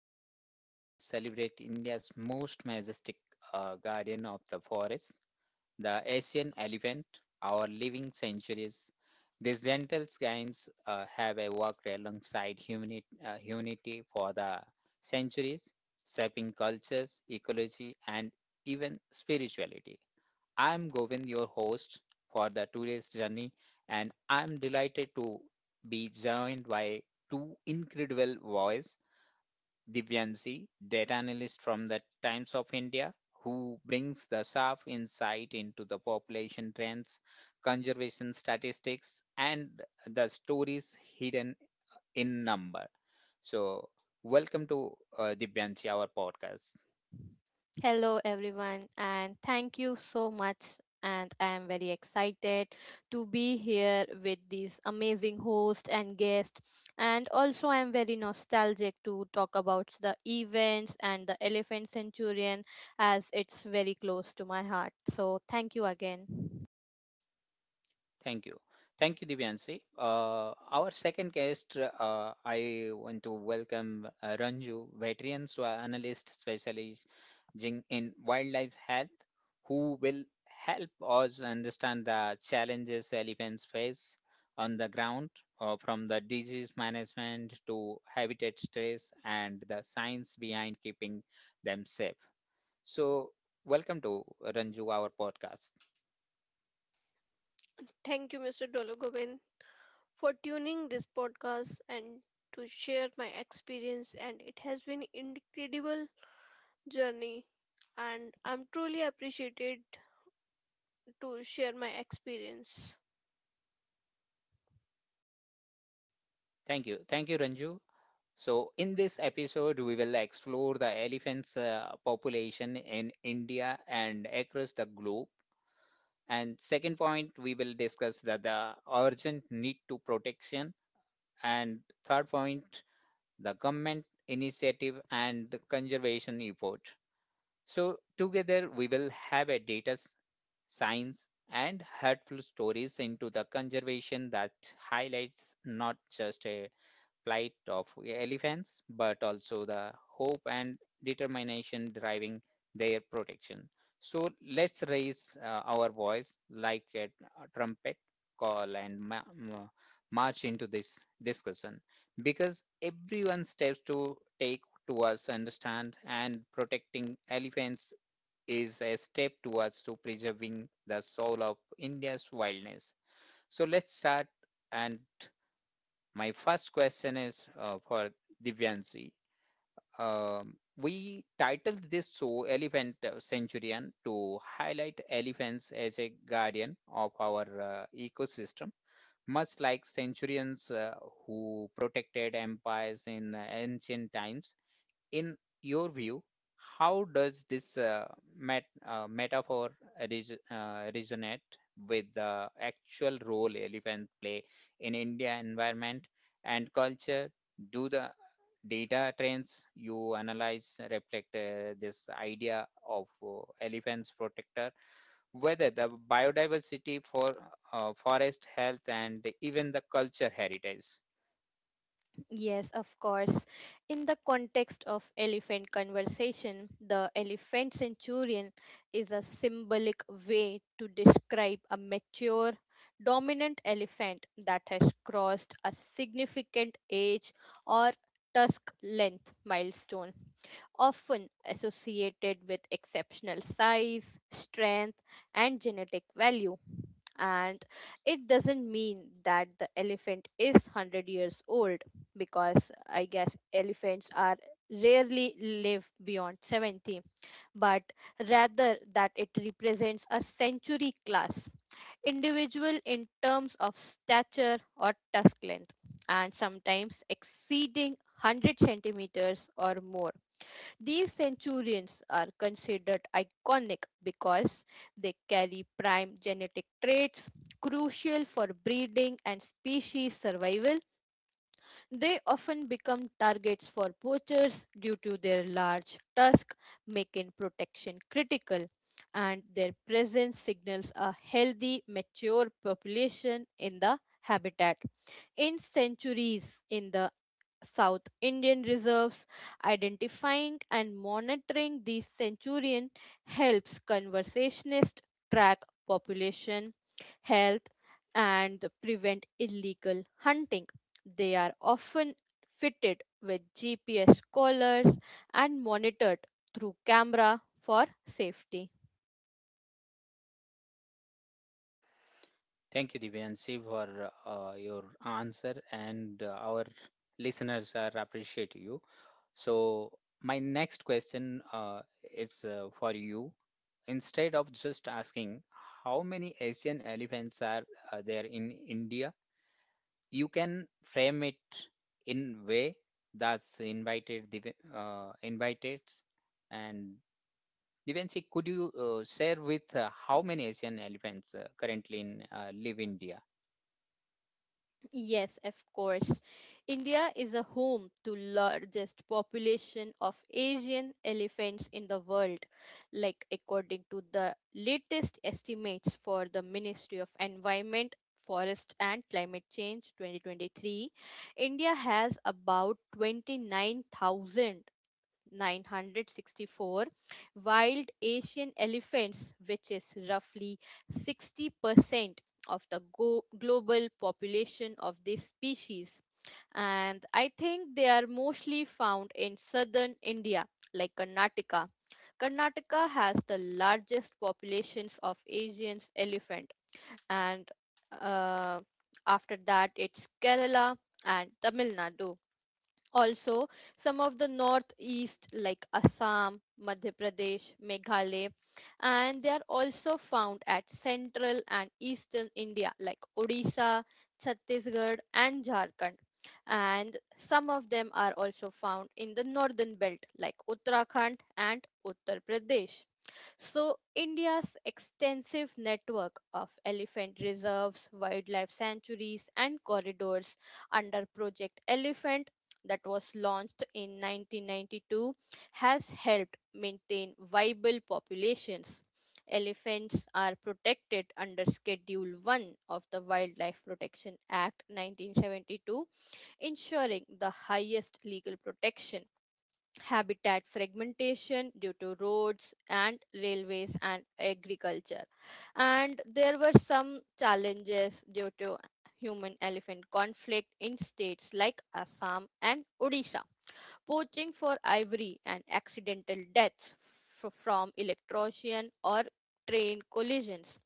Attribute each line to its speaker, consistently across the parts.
Speaker 1: we honor and celebrate India's most majestic guardian of the forest, the Asian elephant, our living centuries. These gentle giants have walked alongside humanity for the centuries, shaping cultures, ecology, and even spirituality. I'm Govind, your host for the today's journey, and I'm delighted to be joined by two incredible voices, Divyansi, data analyst from the Times of India, who brings the sharp insight into the population trends, conservation statistics, and the stories hidden in number. So, welcome to Divyansi, our podcast.
Speaker 2: Hello, everyone, and thank you so much. And I am very excited to be here with these amazing host and guest. And also, I am very nostalgic to talk about the events and the Elephant Centurion as it's very close to my heart. So, thank you again.
Speaker 1: Thank you. Thank you, Divyanshi. Our second guest, I want to welcome Ranju, veteran analyst specializing in wildlife health, who will help us understand the challenges elephants face on the ground, from the disease management to habitat stress and the science behind keeping them safe. So, welcome to Ranju, our podcast.
Speaker 3: Thank you, Mr. Dologovin, for tuning this podcast and to share my experience. And it has been incredible journey, and I'm truly appreciated to share my experience.
Speaker 1: Thank you. Thank you, Ranju. So, in this episode, we will explore the elephants' population in India and across the globe. And second point, we will discuss the urgent need to protection. And third point, the government initiative and the conservation effort. So, together, we will have a science and helpful stories into the conservation that highlights not just a plight of elephants, but also the hope and determination driving their protection. So let's raise our voice like a trumpet call and march into this discussion because everyone steps to take towards understand and protecting elephants is a step towards to preserving the soul of India's wildness. So let's start and my first question is for Divyanshi. We titled this show Elephant Centurion to highlight elephants as a guardian of our ecosystem, much like centurions who protected empires in ancient times in your view, how does this metaphor resonate with the actual role elephants play in India environment and culture? Do the data trends you analyze reflect this idea of elephants protector? Whether the biodiversity for forest health and even the culture heritage.
Speaker 2: Yes, of course. In the context of elephant conversation, the elephant centurion is a symbolic way to describe a mature, dominant elephant that has crossed a significant age or tusk length milestone, often associated with exceptional size, strength, and genetic value, and it doesn't mean that the elephant is 100 years old, because I guess elephants are rarely live beyond 70, but rather that it represents a century class individual in terms of stature or tusk length, and sometimes exceeding 100 centimeters or more. These centurions are considered iconic because they carry prime genetic traits crucial for breeding and species survival. They often become targets for poachers due to their large tusk, making protection critical, and their presence signals a healthy, mature population in the habitat. In centuries, in the South Indian reserves. Identifying and monitoring these centurion helps conservationists track population health and prevent illegal hunting. They are often fitted with GPS collars and monitored through camera for safety.
Speaker 1: Thank you, Divyanshi, for your answer, and our listeners are appreciate you. So, my next question is for you. Instead of just asking how many Asian elephants are there in India, you can frame it in way that's invited. And Divyanshi, could you share with how many Asian elephants currently in live India?
Speaker 2: Yes, of course. India is a home to largest population of Asian elephants in the world, like according to the latest estimates for the Ministry of Environment, Forest and Climate Change 2023, India has about 29,000 964 wild Asian elephants, which is roughly 60% of the global population of this species. And I think they are mostly found in southern India, like Karnataka. Karnataka has the largest populations of Asian elephant, and uh, after that, it's Kerala and Tamil Nadu. Also, some of the northeast, like Assam, Madhya Pradesh, Meghalaya, and they are also found at central and eastern India, like Odisha, Chhattisgarh, and Jharkhand. And some of them are also found in the northern belt, like Uttarakhand and Uttar Pradesh. So, India's extensive network of elephant reserves, wildlife sanctuaries, and corridors under Project Elephant, that was launched in 1992, has helped maintain viable populations. Elephants are protected under Schedule 1 of the Wildlife Protection Act 1972, ensuring the highest legal protection. Habitat fragmentation due to roads and railways and agriculture. And there were some challenges due to human elephant conflict in states like Assam and Odisha, poaching for ivory and accidental deaths from electrocution or train collisions.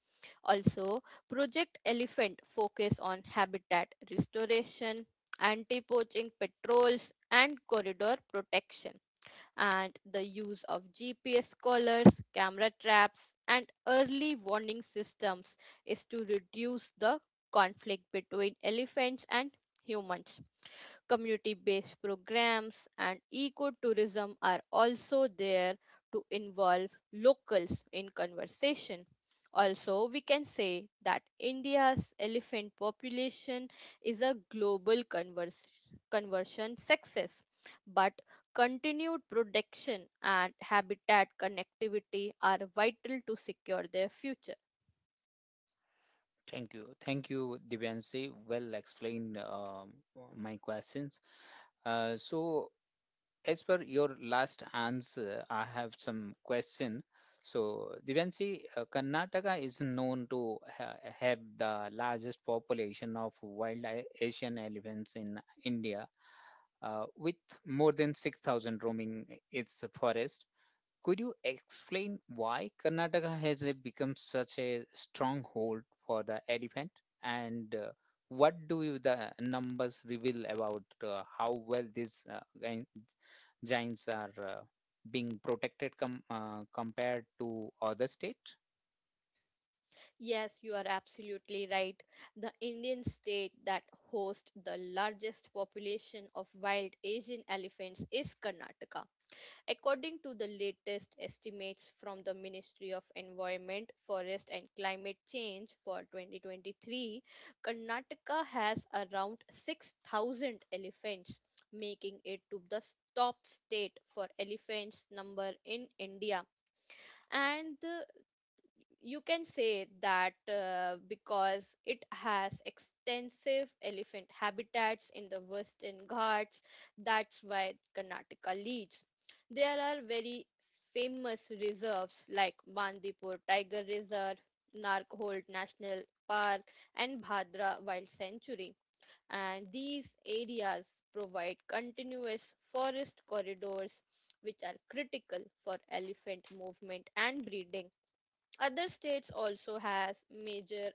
Speaker 2: Also, Project Elephant focus on habitat restoration, anti-poaching patrols and corridor protection and the use of GPS collars, camera traps, and early warning systems is to reduce the conflict between elephants and humans. Community based programs and ecotourism are also there to involve locals in conversation. Also, we can say that India's elephant population is a global conversion success, but continued protection and habitat connectivity are vital to secure their future.
Speaker 1: Thank you. Thank you, Divyanshi. Well explained my questions. So, as per your last answer, I have some question. So, Divyanshi, Karnataka is known to ha have the largest population of wild Asian elephants in India, with more than 6,000 roaming its forests. Could you explain why Karnataka has become such a stronghold for the elephant? And what do you, the numbers reveal about how well these giants are being protected compared to other state?
Speaker 2: Yes, you are absolutely right. The Indian state that hosts the largest population of wild Asian elephants is Karnataka. According to the latest estimates from the Ministry of Environment, Forest and Climate Change for 2023, Karnataka has around 6,000 elephants, making it to the top state for elephants number in India. And you can say that because it has extensive elephant habitats in the Western Ghats, that's why Karnataka leads. There are very famous reserves like Bandipur Tiger Reserve, Narkhold National Park, and Bhadra Wild Sanctuary. And these areas provide continuous forest corridors, which are critical for elephant movement and breeding. Other states also has major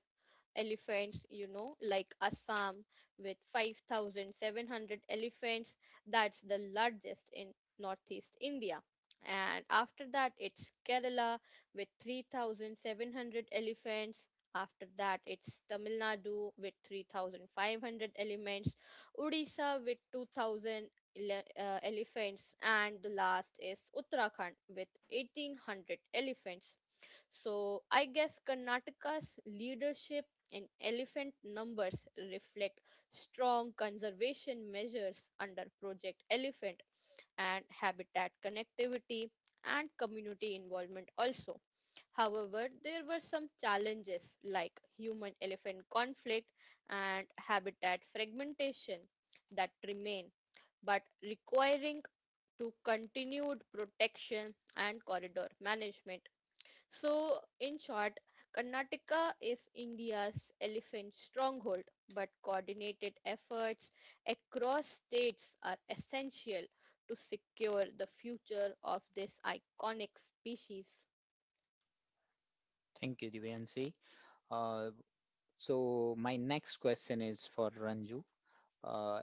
Speaker 2: elephants, like Assam with 5,700 elephants. That's the largest in Northeast India. And after that, it's Kerala with 3,700 elephants. After that, it's Tamil Nadu with 3,500 elements, Odisha with 2,000 elephants, and the last is Uttarakhand with 1,800 elephants. So I guess Karnataka's leadership and elephant numbers reflect strong conservation measures under Project Elephant and habitat connectivity and community involvement also. However, there were some challenges like human elephant conflict and habitat fragmentation that remain, but requiring to continued protection and corridor management, so, in short, Karnataka is India's elephant stronghold, but coordinated efforts across states are essential to secure the future of this iconic species.
Speaker 1: Thank you, Divyanshi. Uh, So my next question is for Ranju. Uh,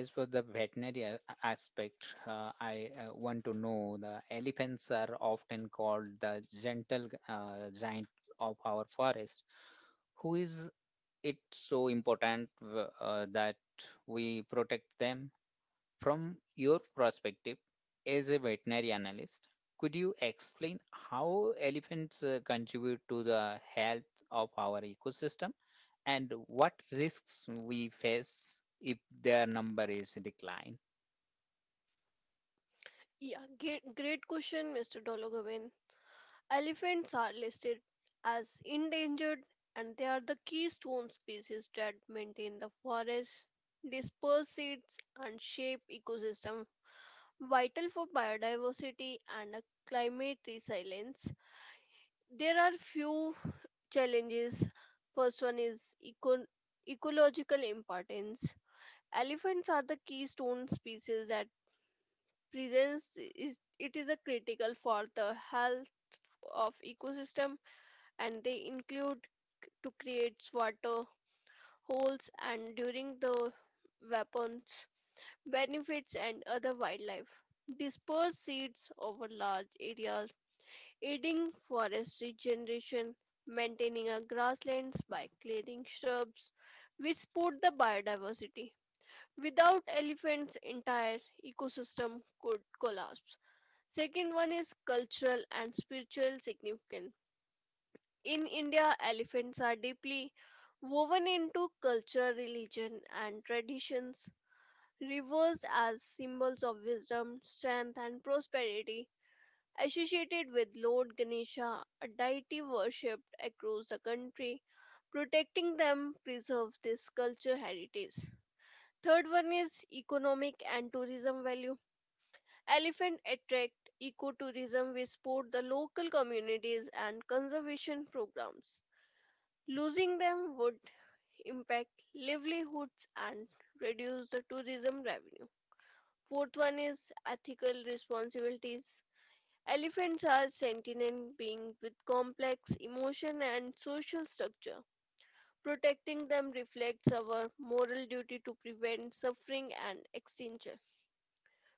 Speaker 1: as for the veterinary aspect, I want to know the elephants are often called the gentle giant of our forest. Who is it so important that we protect them? From your perspective as a veterinary analyst, could you explain how elephants contribute to the health of our ecosystem and what risks we face if their number is declined?
Speaker 3: Yeah, great question, Mr. Dologovin. Elephants are listed as endangered, and they are the keystone species that maintain the forest, disperse seeds, and shape ecosystem vital for biodiversity and climate resilience. There are few challenges. First one is ecological importance. Elephants are the keystone species that presence is it is a critical for the health of ecosystem and they include to create water holes and during the weapons benefits and other wildlife disperse seeds over large areas aiding forest regeneration, maintaining our grasslands by clearing shrubs. We support the biodiversity. Without elephants, entire ecosystem could collapse. Second one is cultural and spiritual significance. In India, elephants are deeply woven into culture, religion, and traditions, reversed as symbols of wisdom, strength, and prosperity. Associated with Lord Ganesha, a deity worshipped across the country, protecting them preserves this culture heritage. Third one is economic and tourism value. Elephant attract ecotourism which support the local communities and conservation programs. Losing them would impact livelihoods and reduce the tourism revenue. Fourth one is ethical responsibilities. Elephants are sentient beings with complex emotion and social structure. Protecting them reflects our moral duty to prevent suffering and extinction.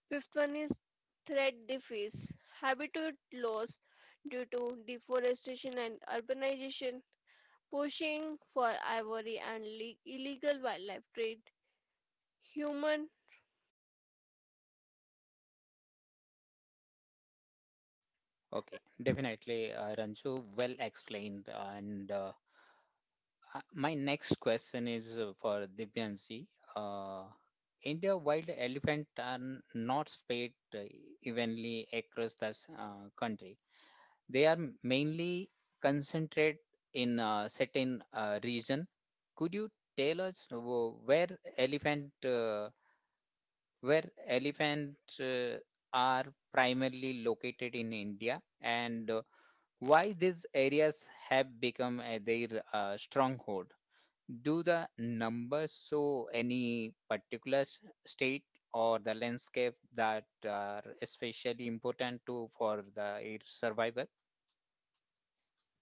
Speaker 3: Fifth one is threat they face. Habitat loss due to deforestation and urbanization, poaching for ivory and le-
Speaker 1: Okay, definitely, Ranju, well explained. And my next question is for Divyansi. Uh, India wild elephant are not spread evenly across the country. They are mainly concentrated in a certain region. Could you tell us elephant uh, where elephant are primarily located in India and why these areas have become their stronghold? Do the numbers show any particular state or the landscape that are especially important to for the its survival?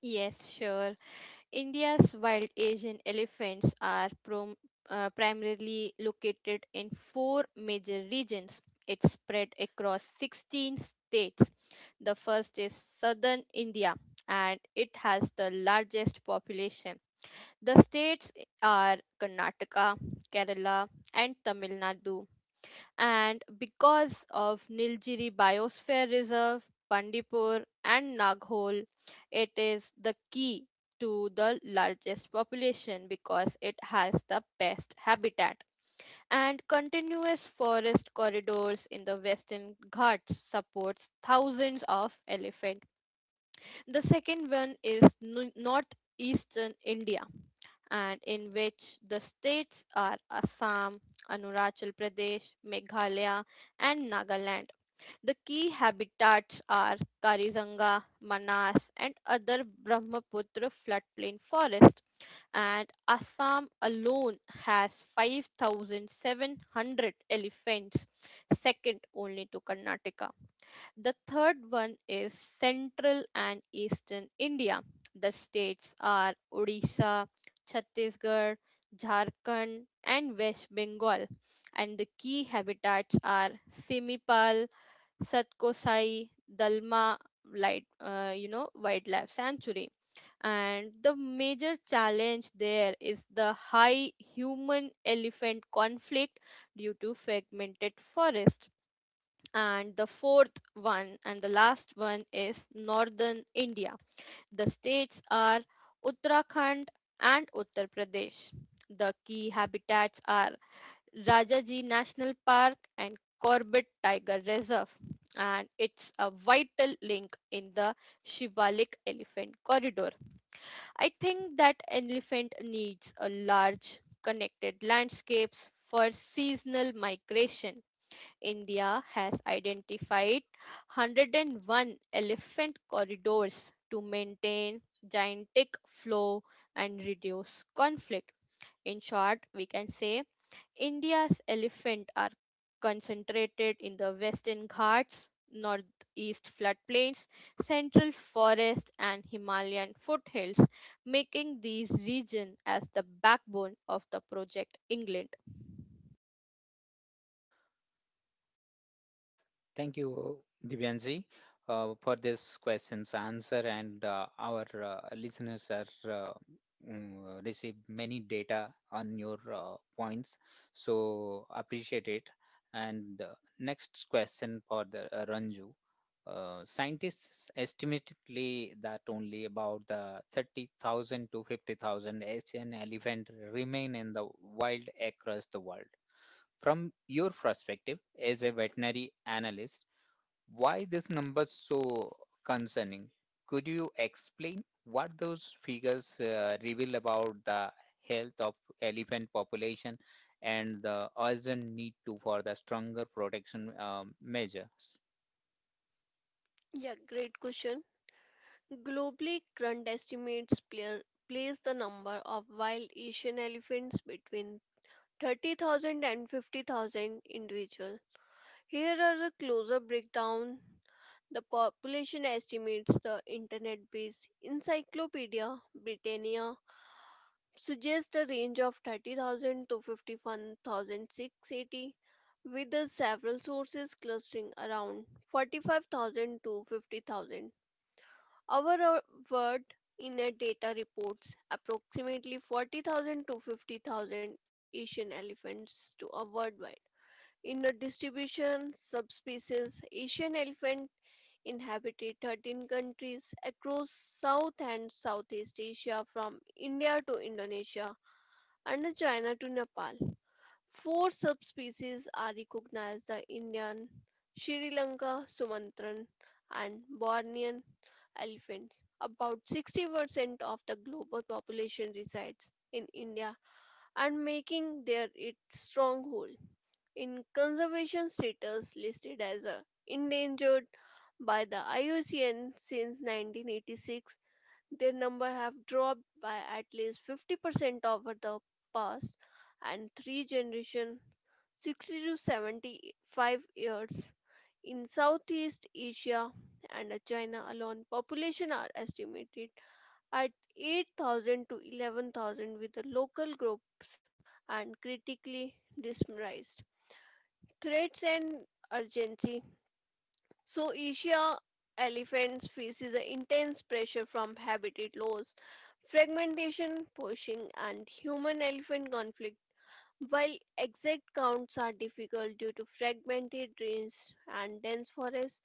Speaker 2: Yes, sure. India's wild Asian elephants are primarily located in four major regions. It's spread across 16 states. The first is southern India and it has the largest population. The states are Karnataka, Kerala, and Tamil Nadu. And because of Nilgiri Biosphere Reserve, Bandipur, and Naghol, it is the key to the largest population because it has the best habitat. And continuous forest corridors in the Western Ghats supports thousands of elephant. The second one is northeastern India and in which the states are Assam, Arunachal Pradesh, Meghalaya, and Nagaland. The key habitats are Karizanga, Manas, and other Brahmaputra floodplain forests. And Assam alone has 5,700 elephants, second only to Karnataka. The third one is Central and Eastern India. The states are Odisha, Chhattisgarh, Jharkhand, and West Bengal. And the key habitats are Simipal, Satkosai, Dalma, light, wildlife sanctuary. And the major challenge there is the high human elephant conflict due to fragmented forest, and the fourth one and the last one is northern India. The states are Uttarakhand and Uttar Pradesh. The key habitats are Rajaji National Park and Corbett Tiger Reserve. And it's a vital link in the Shivalik Elephant Corridor. I think that elephant needs a large connected landscapes for seasonal migration. India has identified 101 elephant corridors to maintain gigantic flow and reduce conflict. In short, we can say India's elephant are concentrated in the Western Ghats, Northeast floodplains, Central Forest, and Himalayan foothills, making these regions as the backbone of the Project England.
Speaker 1: Thank you, Divyanji, for this question's answer. And our listeners are receive many data on your points, so appreciate it. And next question for the Ranju. Scientists estimatedly that only about the 30,000 to 50,000 Asian elephant remain in the wild across the world. From your perspective as a veterinary analyst, why this number so concerning? Could you explain what those figures reveal about the health of elephant population and the urgent need to for the stronger protection measures?
Speaker 3: Yeah, great question. Globally, current estimates player, place the number of wild Asian elephants between thirty thousand and fifty thousand individuals. Here are a closer breakdown. The population estimates the internet-based Encyclopedia Britannia suggests a range of 30,000 to 51,680 with the several sources clustering around 45,000 to 50,000. Our word in a data reports approximately 40,000 to 50,000 Asian elephants to a worldwide. In the distribution subspecies, Asian elephant inhabited 13 countries across South and Southeast Asia from India to Indonesia and China to Nepal. Four subspecies are recognized: the Indian, Sri Lanka, Sumatran, and Bornean elephants. About 60% of the global population resides in India and making there its stronghold. In conservation status listed as a endangered by the IUCN since 1986, their number have dropped by at least 50% over the past and three generation 60 to 75 years. In Southeast Asia and China alone, population are estimated at 8,000 to 11,000 with the local group and critically dismissed. Threats and urgency so Asia elephants faces a intense pressure from habitat loss, fragmentation, poaching, and human-elephant conflict. While exact counts are difficult due to fragmented range and dense forests,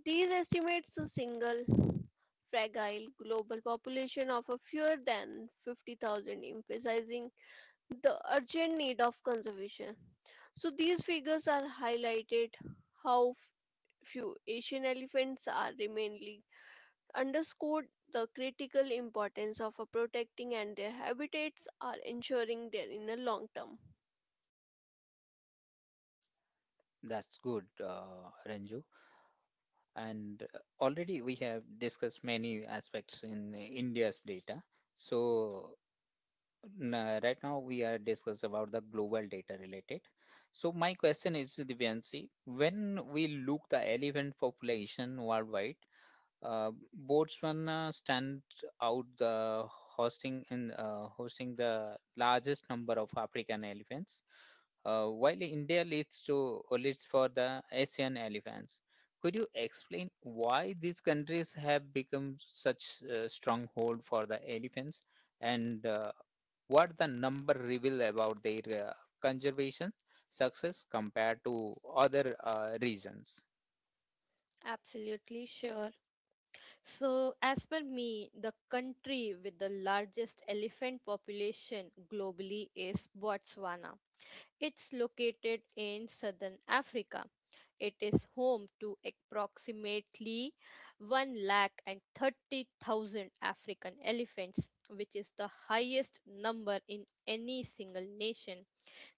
Speaker 3: these estimates a single fragile global population of a fewer than 50,000, emphasizing the urgent need of conservation. So these figures are highlighted how few Asian elephants are remainly underscored the critical importance of protecting and their habitats are ensuring their in the long term.
Speaker 1: That's good, Ranju. And already we have discussed many aspects in India's data. So right now, we are discussed about the global data related. So my question is, Divyanshi, when we look the elephant population worldwide, uh, Botswana stands out the hosting the largest number of African elephants, while India leads for the Asian elephants. Could you explain why these countries have become such a stronghold for the elephants, and what the number reveal about their conservation success compared to other regions?
Speaker 2: Absolutely sure. So, as per me, the country with the largest elephant population globally is Botswana. It's located in southern Africa. It is home to approximately 130,000 African elephants, which is the highest number in any single nation.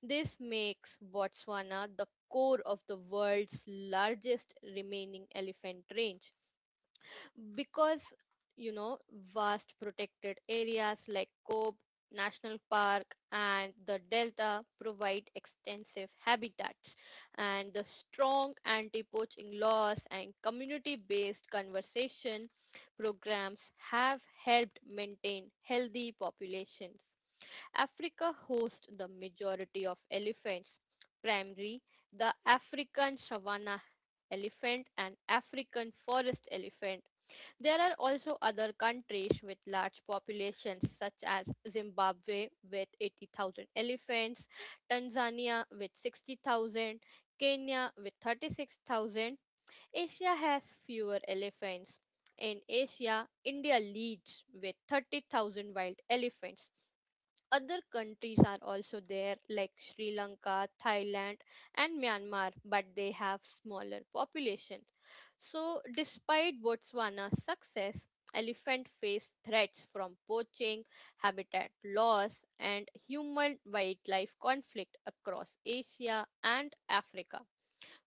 Speaker 2: This makes Botswana the core of the world's largest remaining elephant range because you know vast protected areas like Kobe National Park and the delta provide extensive habitats, and the strong anti-poaching laws and community-based conservation programs have helped maintain healthy populations. Africa hosts the majority of elephants, primarily the African savanna elephant and African forest elephant. There are also other countries with large populations, such as Zimbabwe with 80,000 elephants, Tanzania with 60,000, Kenya with 36,000. Asia has fewer elephants. In Asia, India leads with 30,000 wild elephants. Other countries are also there, like Sri Lanka, Thailand, and Myanmar, but they have smaller population. So, despite Botswana's success, elephant face threats from poaching, habitat loss, and human wildlife conflict across Asia and Africa.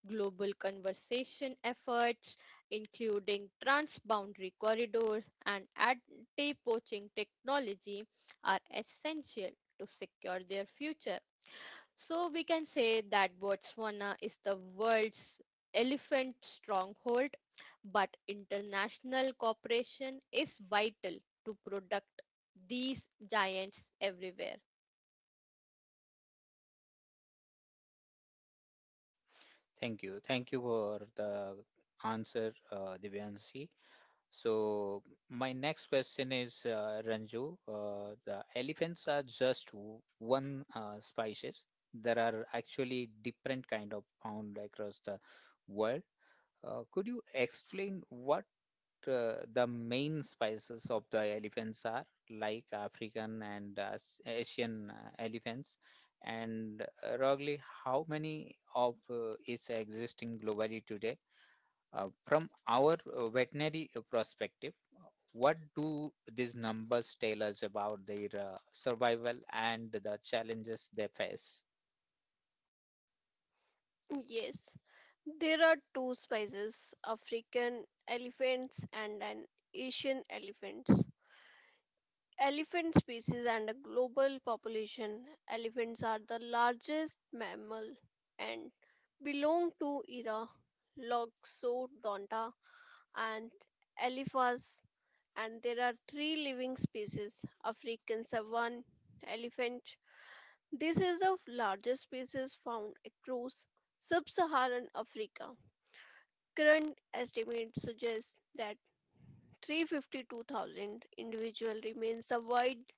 Speaker 2: Global conservation efforts, including transboundary corridors and anti poaching technology, are essential to secure their future. So we can say that Botswana is the world's elephant stronghold, but international cooperation is vital to protect these giants everywhere.
Speaker 1: Thank you. Thank you for the answer, Divyanshi. So, my next question is Ranju. The elephants are just one species. There are actually different kind of found across the world. Could you explain what the main spices of the elephants are like African and Asian elephants. And roughly how many of is existing globally today? From our veterinary perspective, what do these numbers tell us about their survival and the challenges they face?
Speaker 3: Yes, there are two species, African elephants and an Asian elephants. Elephant species and a global population. Elephants are the largest mammal and belong to era Loxodonta and Elephas and there are three living species African savan, elephant. This is the largest species found across sub Saharan Africa. Current estimates suggest that 352,000 individual remain survived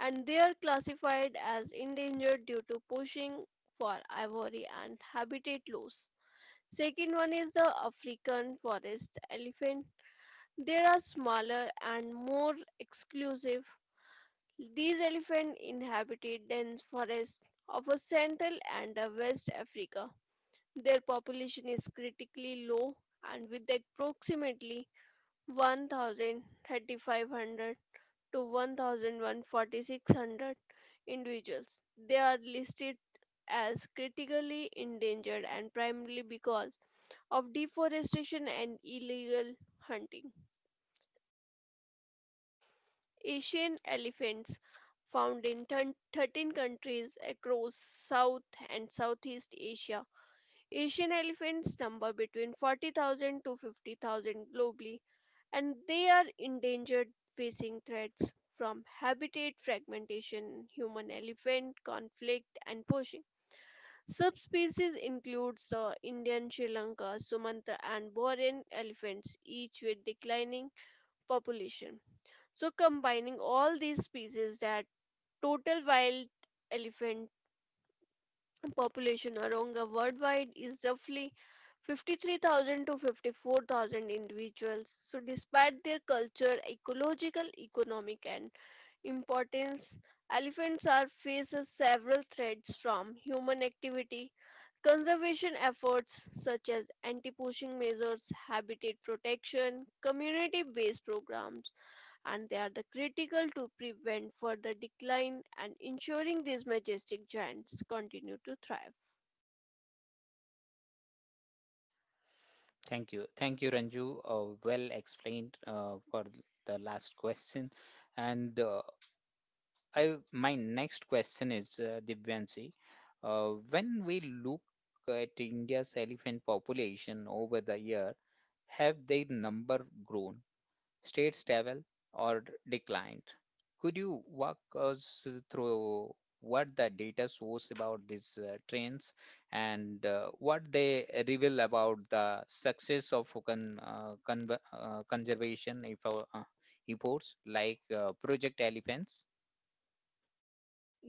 Speaker 3: and they are classified as endangered due to poaching for ivory and habitat loss. Second one is the African forest elephant. There are smaller and more exclusive. These elephants inhabited dense forests of a Central and a West Africa. Their population is critically low and with approximately 1,3500 to 1,14600 individuals. They are listed as critically endangered and primarily because of deforestation and illegal hunting. Asian elephants found in 13 countries across South and Southeast Asia. Asian elephants number between 40,000 to 50,000 globally and they are endangered facing threats from habitat fragmentation, human elephant conflict and poaching. Subspecies includes the Indian Sri Lanka, Sumatra and Borneo elephants each with declining population. So combining all these species that total wild elephant population around the worldwide is roughly 53,000 to 54,000 individuals. So, despite their culture, ecological, economic, and importance, elephants are faces several threats from human activity, conservation efforts such as anti-poaching measures, habitat protection, community-based programs, and they are the critical to prevent further decline and ensuring these majestic giants continue to thrive.
Speaker 1: Thank you. Thank you, Ranju. Well explained the last question. And I my next question is Divyanshi. When we look at India's elephant population over the year, have their number grown, stayed stable, or declined? Could you walk us through what the data shows about these trends and what they reveal about the success of conservation efforts like Project Elephants?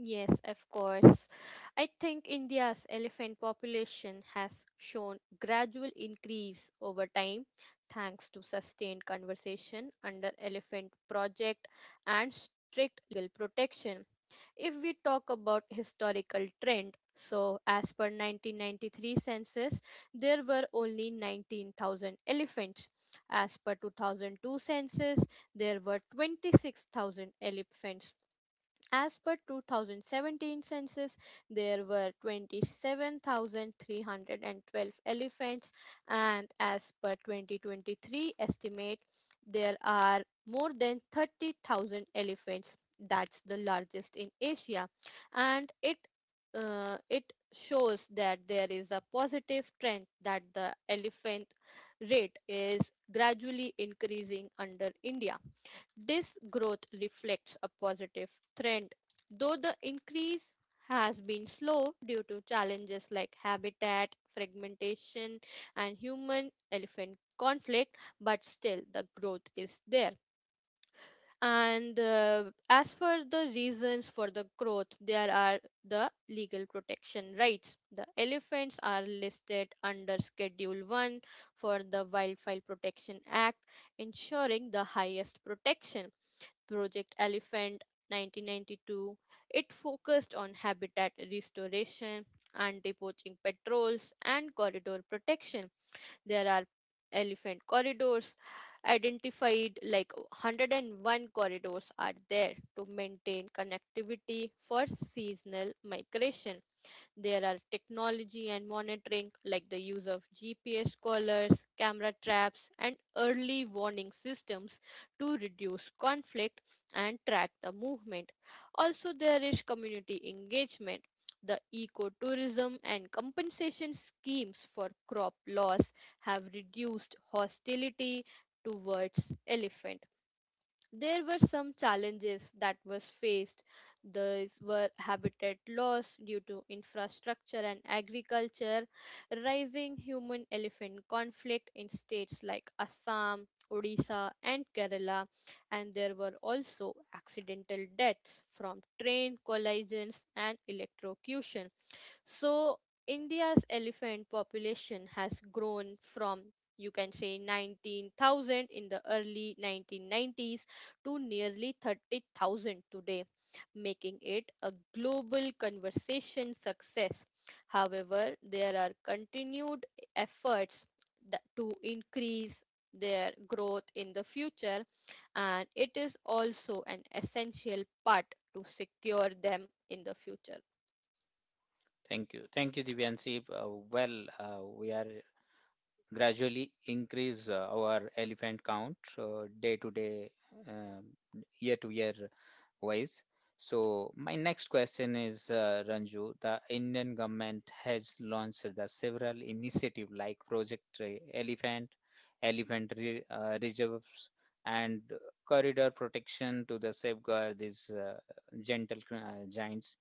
Speaker 2: Yes, of course. I think India's elephant population has shown gradual increase over time thanks to sustained conservation under elephant project and strict legal protection. If we talk about historical trend, so as per 1993 census, there were only 19,000 elephants. As per 2002 census, there were 26,000 elephants, as per 2017 census, there were 27,312 elephants, and as per 2023 estimate, there are more than 30,000 elephants. That's the largest in Asia, and it shows that there is a positive trend that the elephant rate is gradually increasing under India. This growth reflects a positive trend, though the increase has been slow due to challenges like habitat fragmentation and human elephant conflict, but still the growth is there. And as for the reasons for the growth, there are the legal protection rights, the elephants are listed under Schedule 1 for the Wildlife Protection Act, ensuring the highest protection. Project Elephant 1992, it focused on habitat restoration, anti-poaching patrols and corridor protection. There are elephant corridors identified, like 101 corridors are there to maintain connectivity for seasonal migration. There are technology and monitoring, like the use of GPS collars, camera traps, and early warning systems to reduce conflict and track the movement. Also, there is community engagement. The ecotourism and compensation schemes for crop loss have reduced hostility towards elephant. There were some challenges that was faced. These were habitat loss due to infrastructure and agriculture, rising human elephant conflict in states like Assam, Odisha and Kerala, and there were also accidental deaths from train collisions and electrocution. So, India's elephant population has grown from, you can say, 19,000 in the early 1990s to nearly 30,000 today, making it a global conversation success. However, there are continued efforts that to increase their growth in the future, and it is also an essential part to secure them in the future.
Speaker 1: Thank you. Thank you, Divyanshi. Well, we are gradually increase our elephant count day to day, um, year to year wise. So my next question is, Ranju, the Indian government has launched the several initiative like Project Elephant, Elephant Reserves, and Corridor Protection to the safeguard these gentle giants.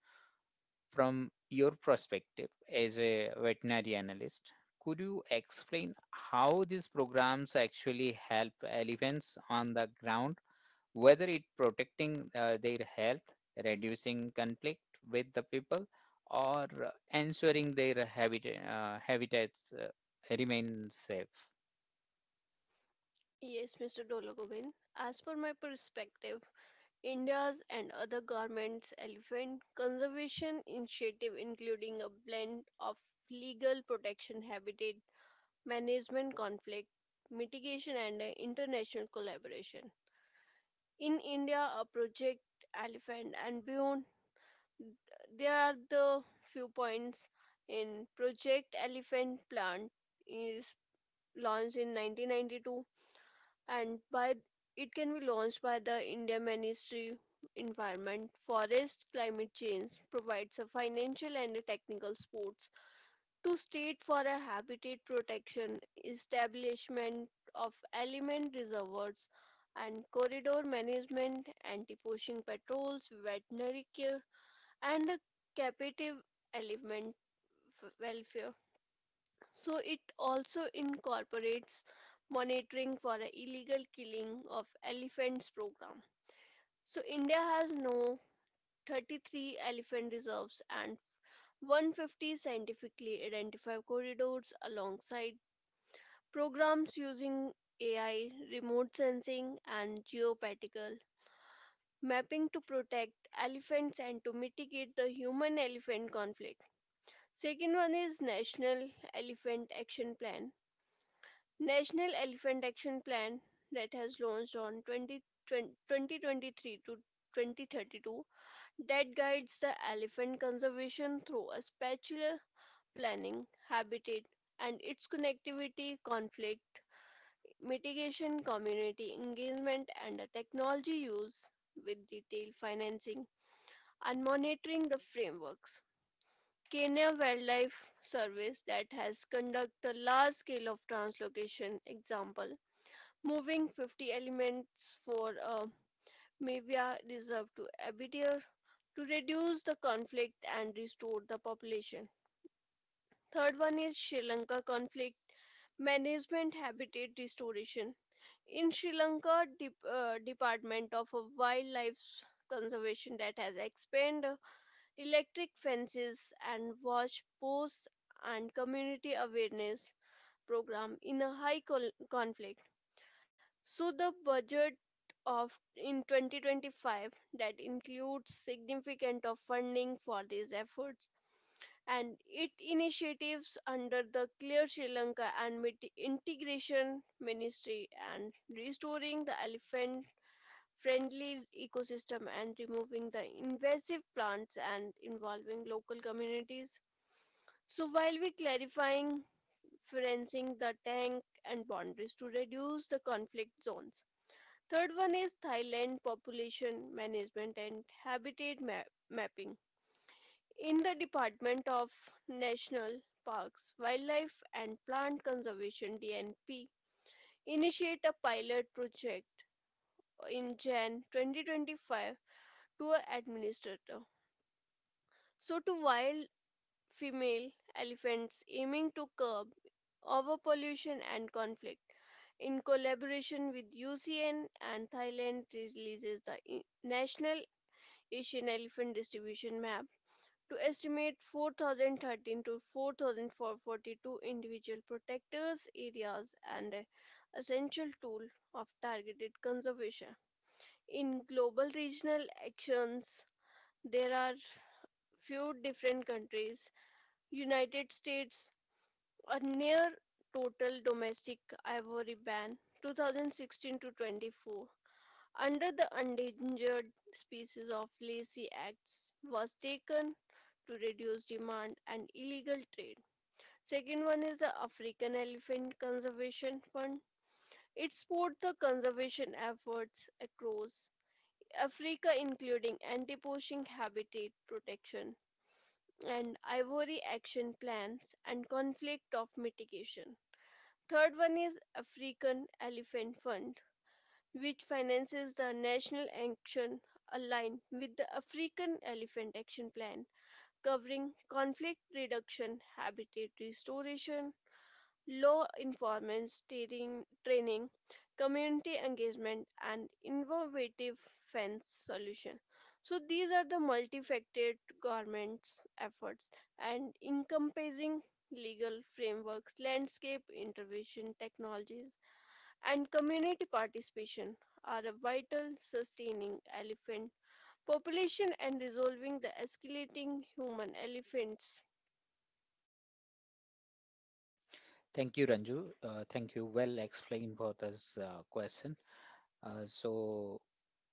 Speaker 1: From your perspective as a veterinary analyst, could you explain how these programs actually help elephants on the ground, whether it protecting their health, reducing conflict with the people, or ensuring their habitats remain safe?
Speaker 3: Yes, Mr. Dolagovin. As per my perspective, India's and other governments' elephant conservation initiative, including a blend of legal protection, habitat management, conflict mitigation, and international collaboration. In India, a project Elephant and Beyond, there are the few points in Project Elephant Plant is launched in 1992 and by it can be launched by the India Ministry Environment Forest Climate Change provides a financial and a technical supports to state for a habitat protection establishment of element reservoirs and corridor management anti-poaching patrols veterinary care and a captive element welfare. So it also incorporates monitoring for a illegal killing of elephants program. So India has no 33 elephant reserves and 150 scientifically identified corridors alongside programs using AI, remote sensing and geopatical mapping to protect elephants and to mitigate the human elephant conflict. Second one is National Elephant Action Plan. National Elephant Action Plan that has launched on 20, 2023 to 2032 that guides the elephant conservation through a spatial planning, habitat and its connectivity, conflict mitigation, community engagement and the technology use with detailed financing and monitoring the frameworks. Kenya Wildlife Service that has conducted a large scale of translocation example, moving 50 elements for a Mavia reserve to Abitur to reduce the conflict and restore the population. Third one is Sri Lanka conflict management habitat restoration. In Sri Lanka, Department of Wildlife Conservation that has expanded electric fences and watch posts and community awareness program in a high conflict. So the budget of in 2025 that includes significant of funding for these efforts and it initiatives under the Clear Sri Lanka and Integration Ministry and restoring the elephant friendly ecosystem and removing the invasive plants and involving local communities. So while we clarifying fencing the tank and boundaries to reduce the conflict zones. Third one is Thailand population management and habitat mapping. In the Department of National Parks, Wildlife and Plant Conservation DNP initiate a pilot project in Jan 2025 to an administrator. So, to wild female elephants aiming to curb overpollution and conflict. In collaboration with UCN and Thailand releases the National Asian Elephant Distribution Map to estimate 4013 to 4442 individual protectors areas and a essential tool of targeted conservation. In global regional actions, there are few different countries. United States, a near total domestic ivory ban 2016 to 24 under the Endangered Species of Lacey Acts was taken to reduce demand and illegal trade. Second one is the African Elephant Conservation Fund. It supports the conservation efforts across Africa, including anti poaching habitat protection, and Ivory action plans and conflict of mitigation. Third one is African Elephant Fund, which finances the national action aligned with the African Elephant Action Plan, covering conflict reduction, habitat restoration, law enforcement steering, training, community engagement, and innovative fence solution. So these are the multifaceted government's efforts and encompassing legal frameworks, landscape intervention technologies, and community participation are a vital sustaining elephant population and resolving the escalating human elephants.
Speaker 1: Thank you, Ranju. Thank you. Well explained for this question. So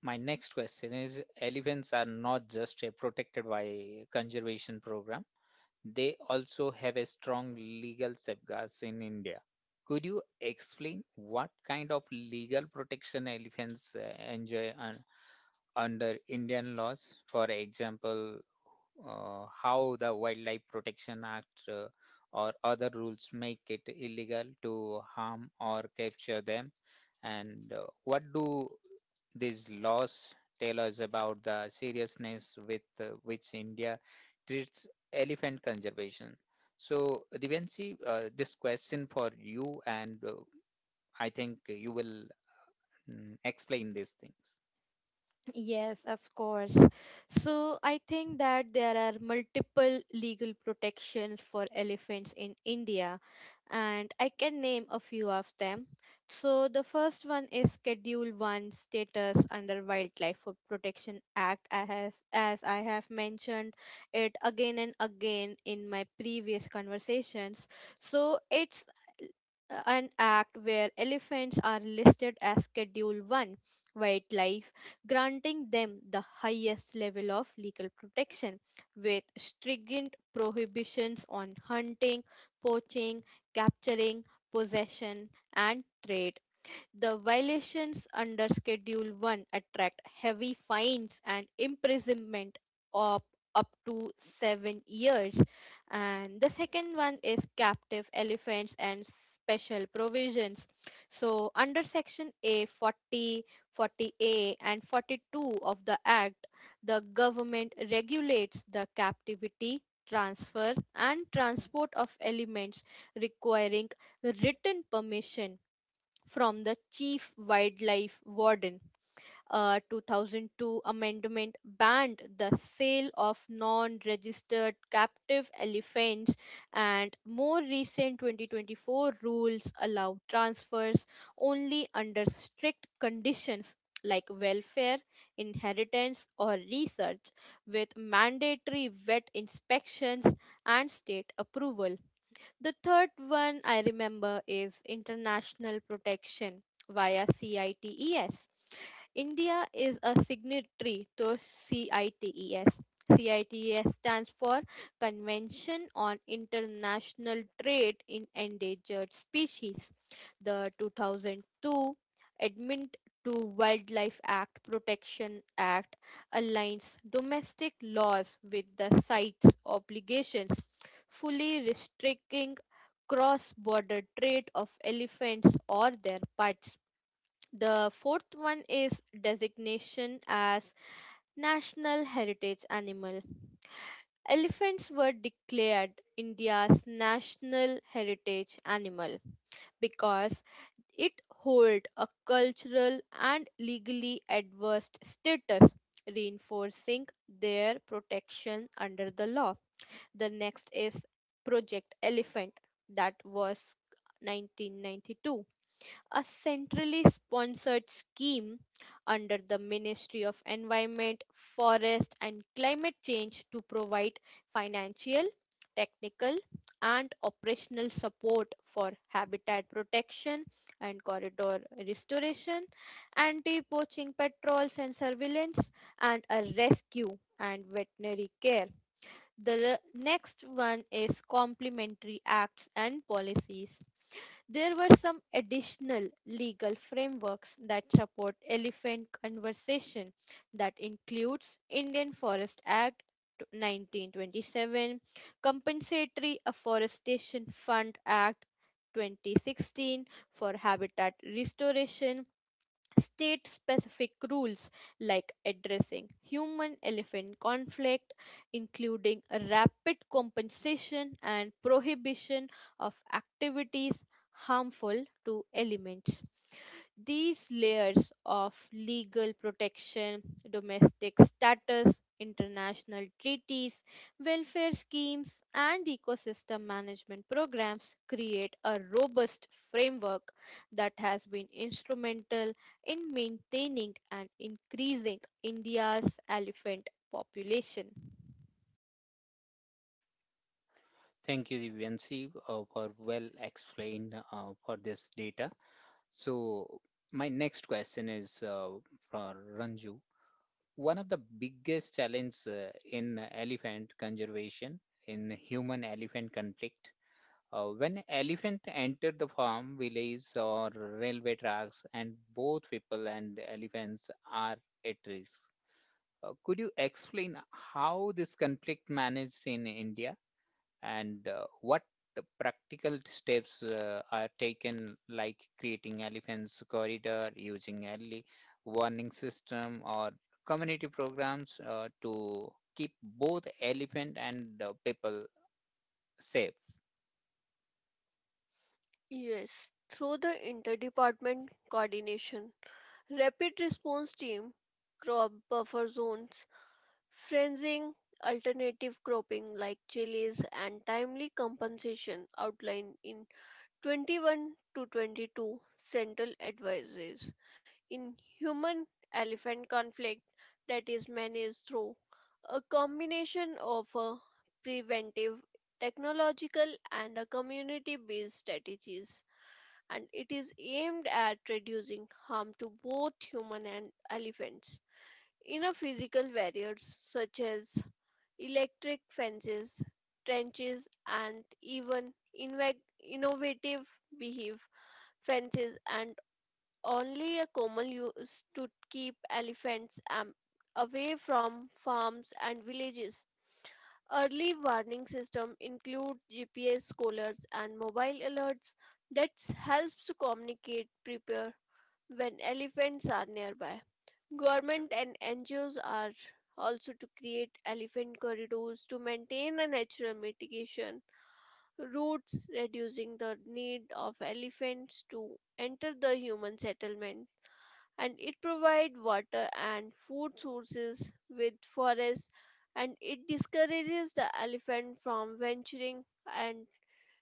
Speaker 1: my next question is elephants are not just a protected by conservation program, they also have a strong legal safeguards in India. Could you explain what kind of legal protection elephants enjoy under Indian laws. For example, how the Wildlife Protection Act or other rules make it illegal to harm or capture them, and what do these laws tell us about the seriousness with which India treats elephant conservation. So, Divanshi, this question for you, and I think you will explain this thing.
Speaker 2: Yes, of course. So I think that there are multiple legal protections for elephants in India, and I can name a few of them. So the first one is Schedule 1 status under Protection Act, I has, as I have mentioned it again and again in my previous conversations. So it's an act where elephants are listed as Schedule 1 wildlife, granting them the highest level of legal protection with stringent prohibitions on hunting, poaching, capturing, possession, and trade. The violations under Schedule 1 attract heavy fines and imprisonment of up to 7 years. And the second one is captive elephants and special provisions. So, under Section A 40, 40 a, and 42 of the Act, the government regulates the captivity, transfer, and transport of elements, requiring written permission from the Chief Wildlife Warden. A 2002 amendment banned the sale of non registered captive elephants, and more recent 2024 rules allow transfers only under strict conditions like welfare, inheritance, or research, with mandatory vet inspections and state approval. The third one I remember is international protection via CITES. India is a signatory to CITES. CITES stands for Convention on International Trade in Endangered Species. The 2002 Amendment to Wildlife Act Protection Act aligns domestic laws with the site's obligations, fully restricting cross border trade of elephants or their parts. The fourth one is designation as National Heritage Animal. Elephants were declared India's national heritage animal because it hold a cultural and legally adverse status, reinforcing their protection under the law. The next is project elephant that was 1992, a centrally sponsored scheme under the Ministry of Environment, Forest and Climate Change to provide financial, technical and operational support for habitat protection and corridor restoration, anti-poaching patrols and surveillance, and a rescue and veterinary care. The next one is complementary acts and policies. There were some additional legal frameworks that support elephant conservation. That includes Indian Forest Act 1927, Compensatory Afforestation Fund Act 2016 for habitat restoration, state specific rules like addressing human elephant conflict, including a rapid compensation and prohibition of activities harmful to elements. These layers of legal protection, domestic status, international treaties, welfare schemes, and ecosystem management programs create a robust framework that has been instrumental in maintaining and increasing India's elephant population.
Speaker 1: Thank you, Divyanshi, for well explained for this data. So my next question is for Ranju. One of the biggest challenge in elephant conservation in human-elephant conflict. When elephant enter the farm, village or railway tracks, and both people and elephants are at risk. Could you explain how this conflict managed in India? And what practical steps are taken like creating elephants corridor using early warning system or community programs to keep both elephant and people safe.
Speaker 3: Yes, through the interdepartment coordination rapid response team, crop buffer zones, fencing, alternative cropping like chilies, and timely compensation outlined in 21 to 22 central advisories. In human elephant conflict that is managed through a combination of a preventive technological and a community based strategies and it is aimed at reducing harm to both human and elephants. Inner physical barriers such as electric fences, trenches, and even inve- innovative behave fences and only a Komal used to keep elephants away from farms and villages. Early warning system include GPS collars and mobile alerts that helps to communicate prepare when elephants are nearby. Government and NGOs are also to create elephant corridors to maintain a natural mitigation routes reducing the need of elephants to enter the human settlement and it provides water and food sources with forests and it discourages the elephant from venturing and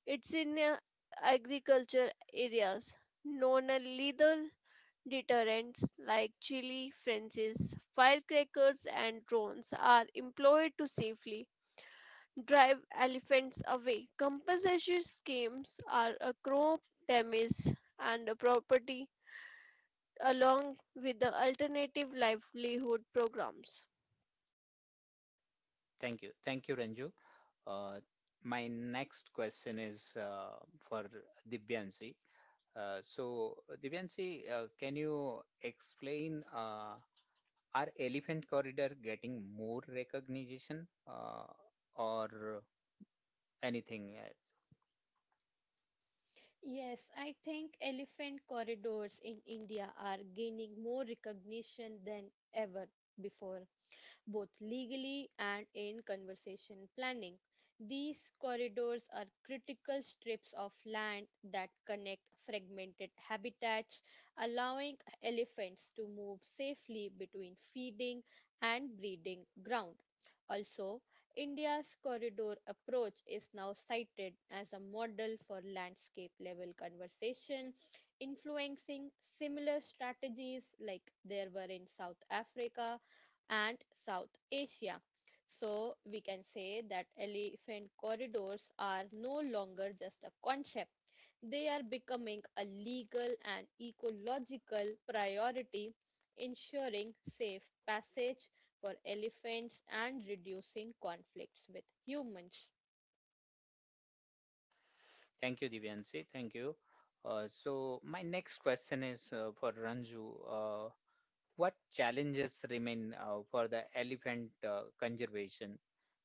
Speaker 3: it's in agriculture areas known lethal deterrents like chili fences firecrackers and drones are employed to safely drive elephants away compensation schemes are a crop damage and a property along with the alternative livelihood programs.
Speaker 1: Thank you, thank you, Ranju. uh, my next question is for Divyansi. So, Divyansi, can you explain are Elephant Corridor getting more recognition or anything else?
Speaker 2: Yes, I think elephant corridors in India are gaining more recognition than ever before, both legally and in conservation planning. These corridors are critical strips of land that connect fragmented habitats, allowing elephants to move safely between feeding and breeding ground. Also, India's corridor approach is now cited as a model for landscape level conservation, influencing similar strategies like there were in South Africa and South Asia. So we can say that elephant corridors are no longer just a concept. They are becoming a legal and ecological priority, ensuring safe passage for elephants and reducing conflicts with humans.
Speaker 1: Thank you, Divyanshi. Thank you. So, my next question is for Ranju. Uh, what challenges remain for the elephant conservation?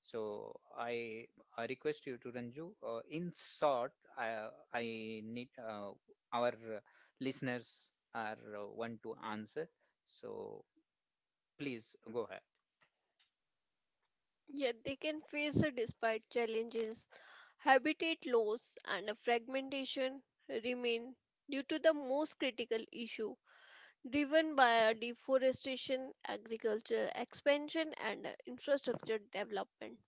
Speaker 1: So, I request you to Ranju. In short, I need our listeners are want to answer. So, please go ahead.
Speaker 3: Yet they can face a despite challenges, habitat loss and a fragmentation remain due to the most critical issue driven by a deforestation, agriculture expansion and a infrastructure development.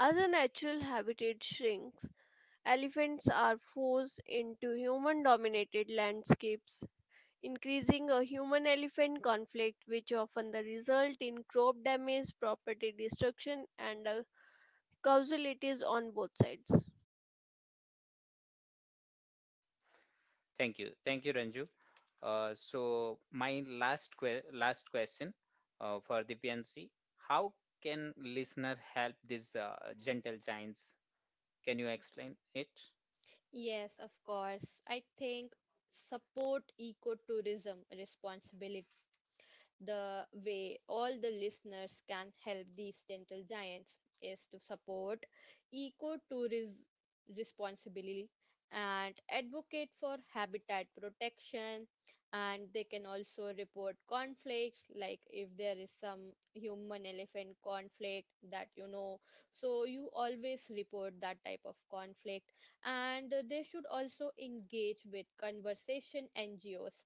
Speaker 3: As a natural habitat shrinks, elephants are forced into human dominated landscapes increasing a human elephant conflict, which often the result in crop damage, property destruction, and causalities on both sides.
Speaker 1: Thank you. Thank you, Ranju. So my last last question for the PNC, how can listener help these gentle giants? Can you explain it?
Speaker 2: Yes, of course. I think support ecotourism responsibility. The way all the listeners can help these dental giants is to support ecotourism responsibly and advocate for habitat protection, and they can also report conflicts. Like, if there is some human elephant conflict that you know, so you always report that type of conflict, and they should also engage with conversation NGOs,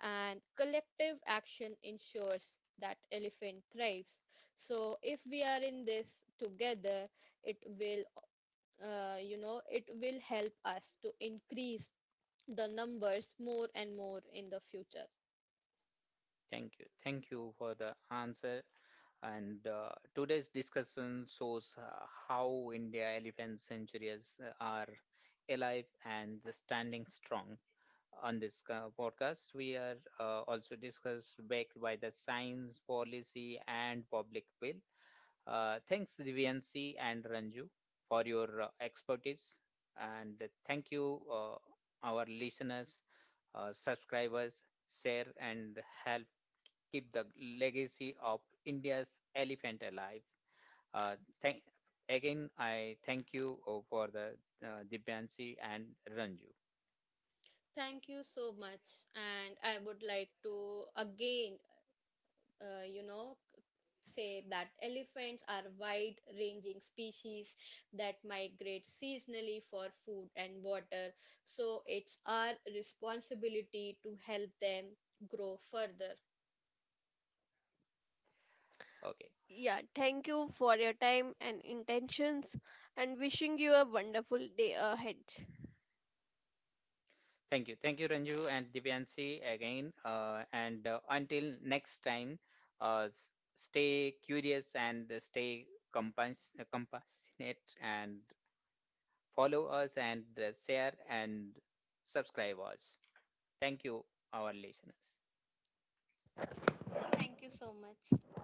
Speaker 2: and collective action ensures that elephant thrives. So if we are in this together, it will, it will help us to increase the numbers more and more in the future.
Speaker 1: Thank you. Thank you for the answer. And today's discussion shows how India elephant centuries are alive and standing strong. On this podcast, we are also discussed back by the science, policy, and public will. Thanks, Divyansi and Ranju, for your expertise. And thank you, our listeners, subscribers, share, and help keep the legacy of India's elephant alive. Uh, thank, Again, I thank you for the Divyansi and Ranju.
Speaker 2: Thank you so much, and I would like to again, uh, you know, say that elephants are wide ranging species that migrate seasonally for food and water, so it's our responsibility to help them grow further.
Speaker 1: Okay.
Speaker 3: Yeah, thank you for your time and intentions, and wishing you a wonderful day ahead.
Speaker 1: Thank you. Thank you, Ranju and Divyanshi again. And until next time, stay curious and stay compassionate and follow us and share and subscribe us. Thank you, our listeners.
Speaker 2: Thank you so much.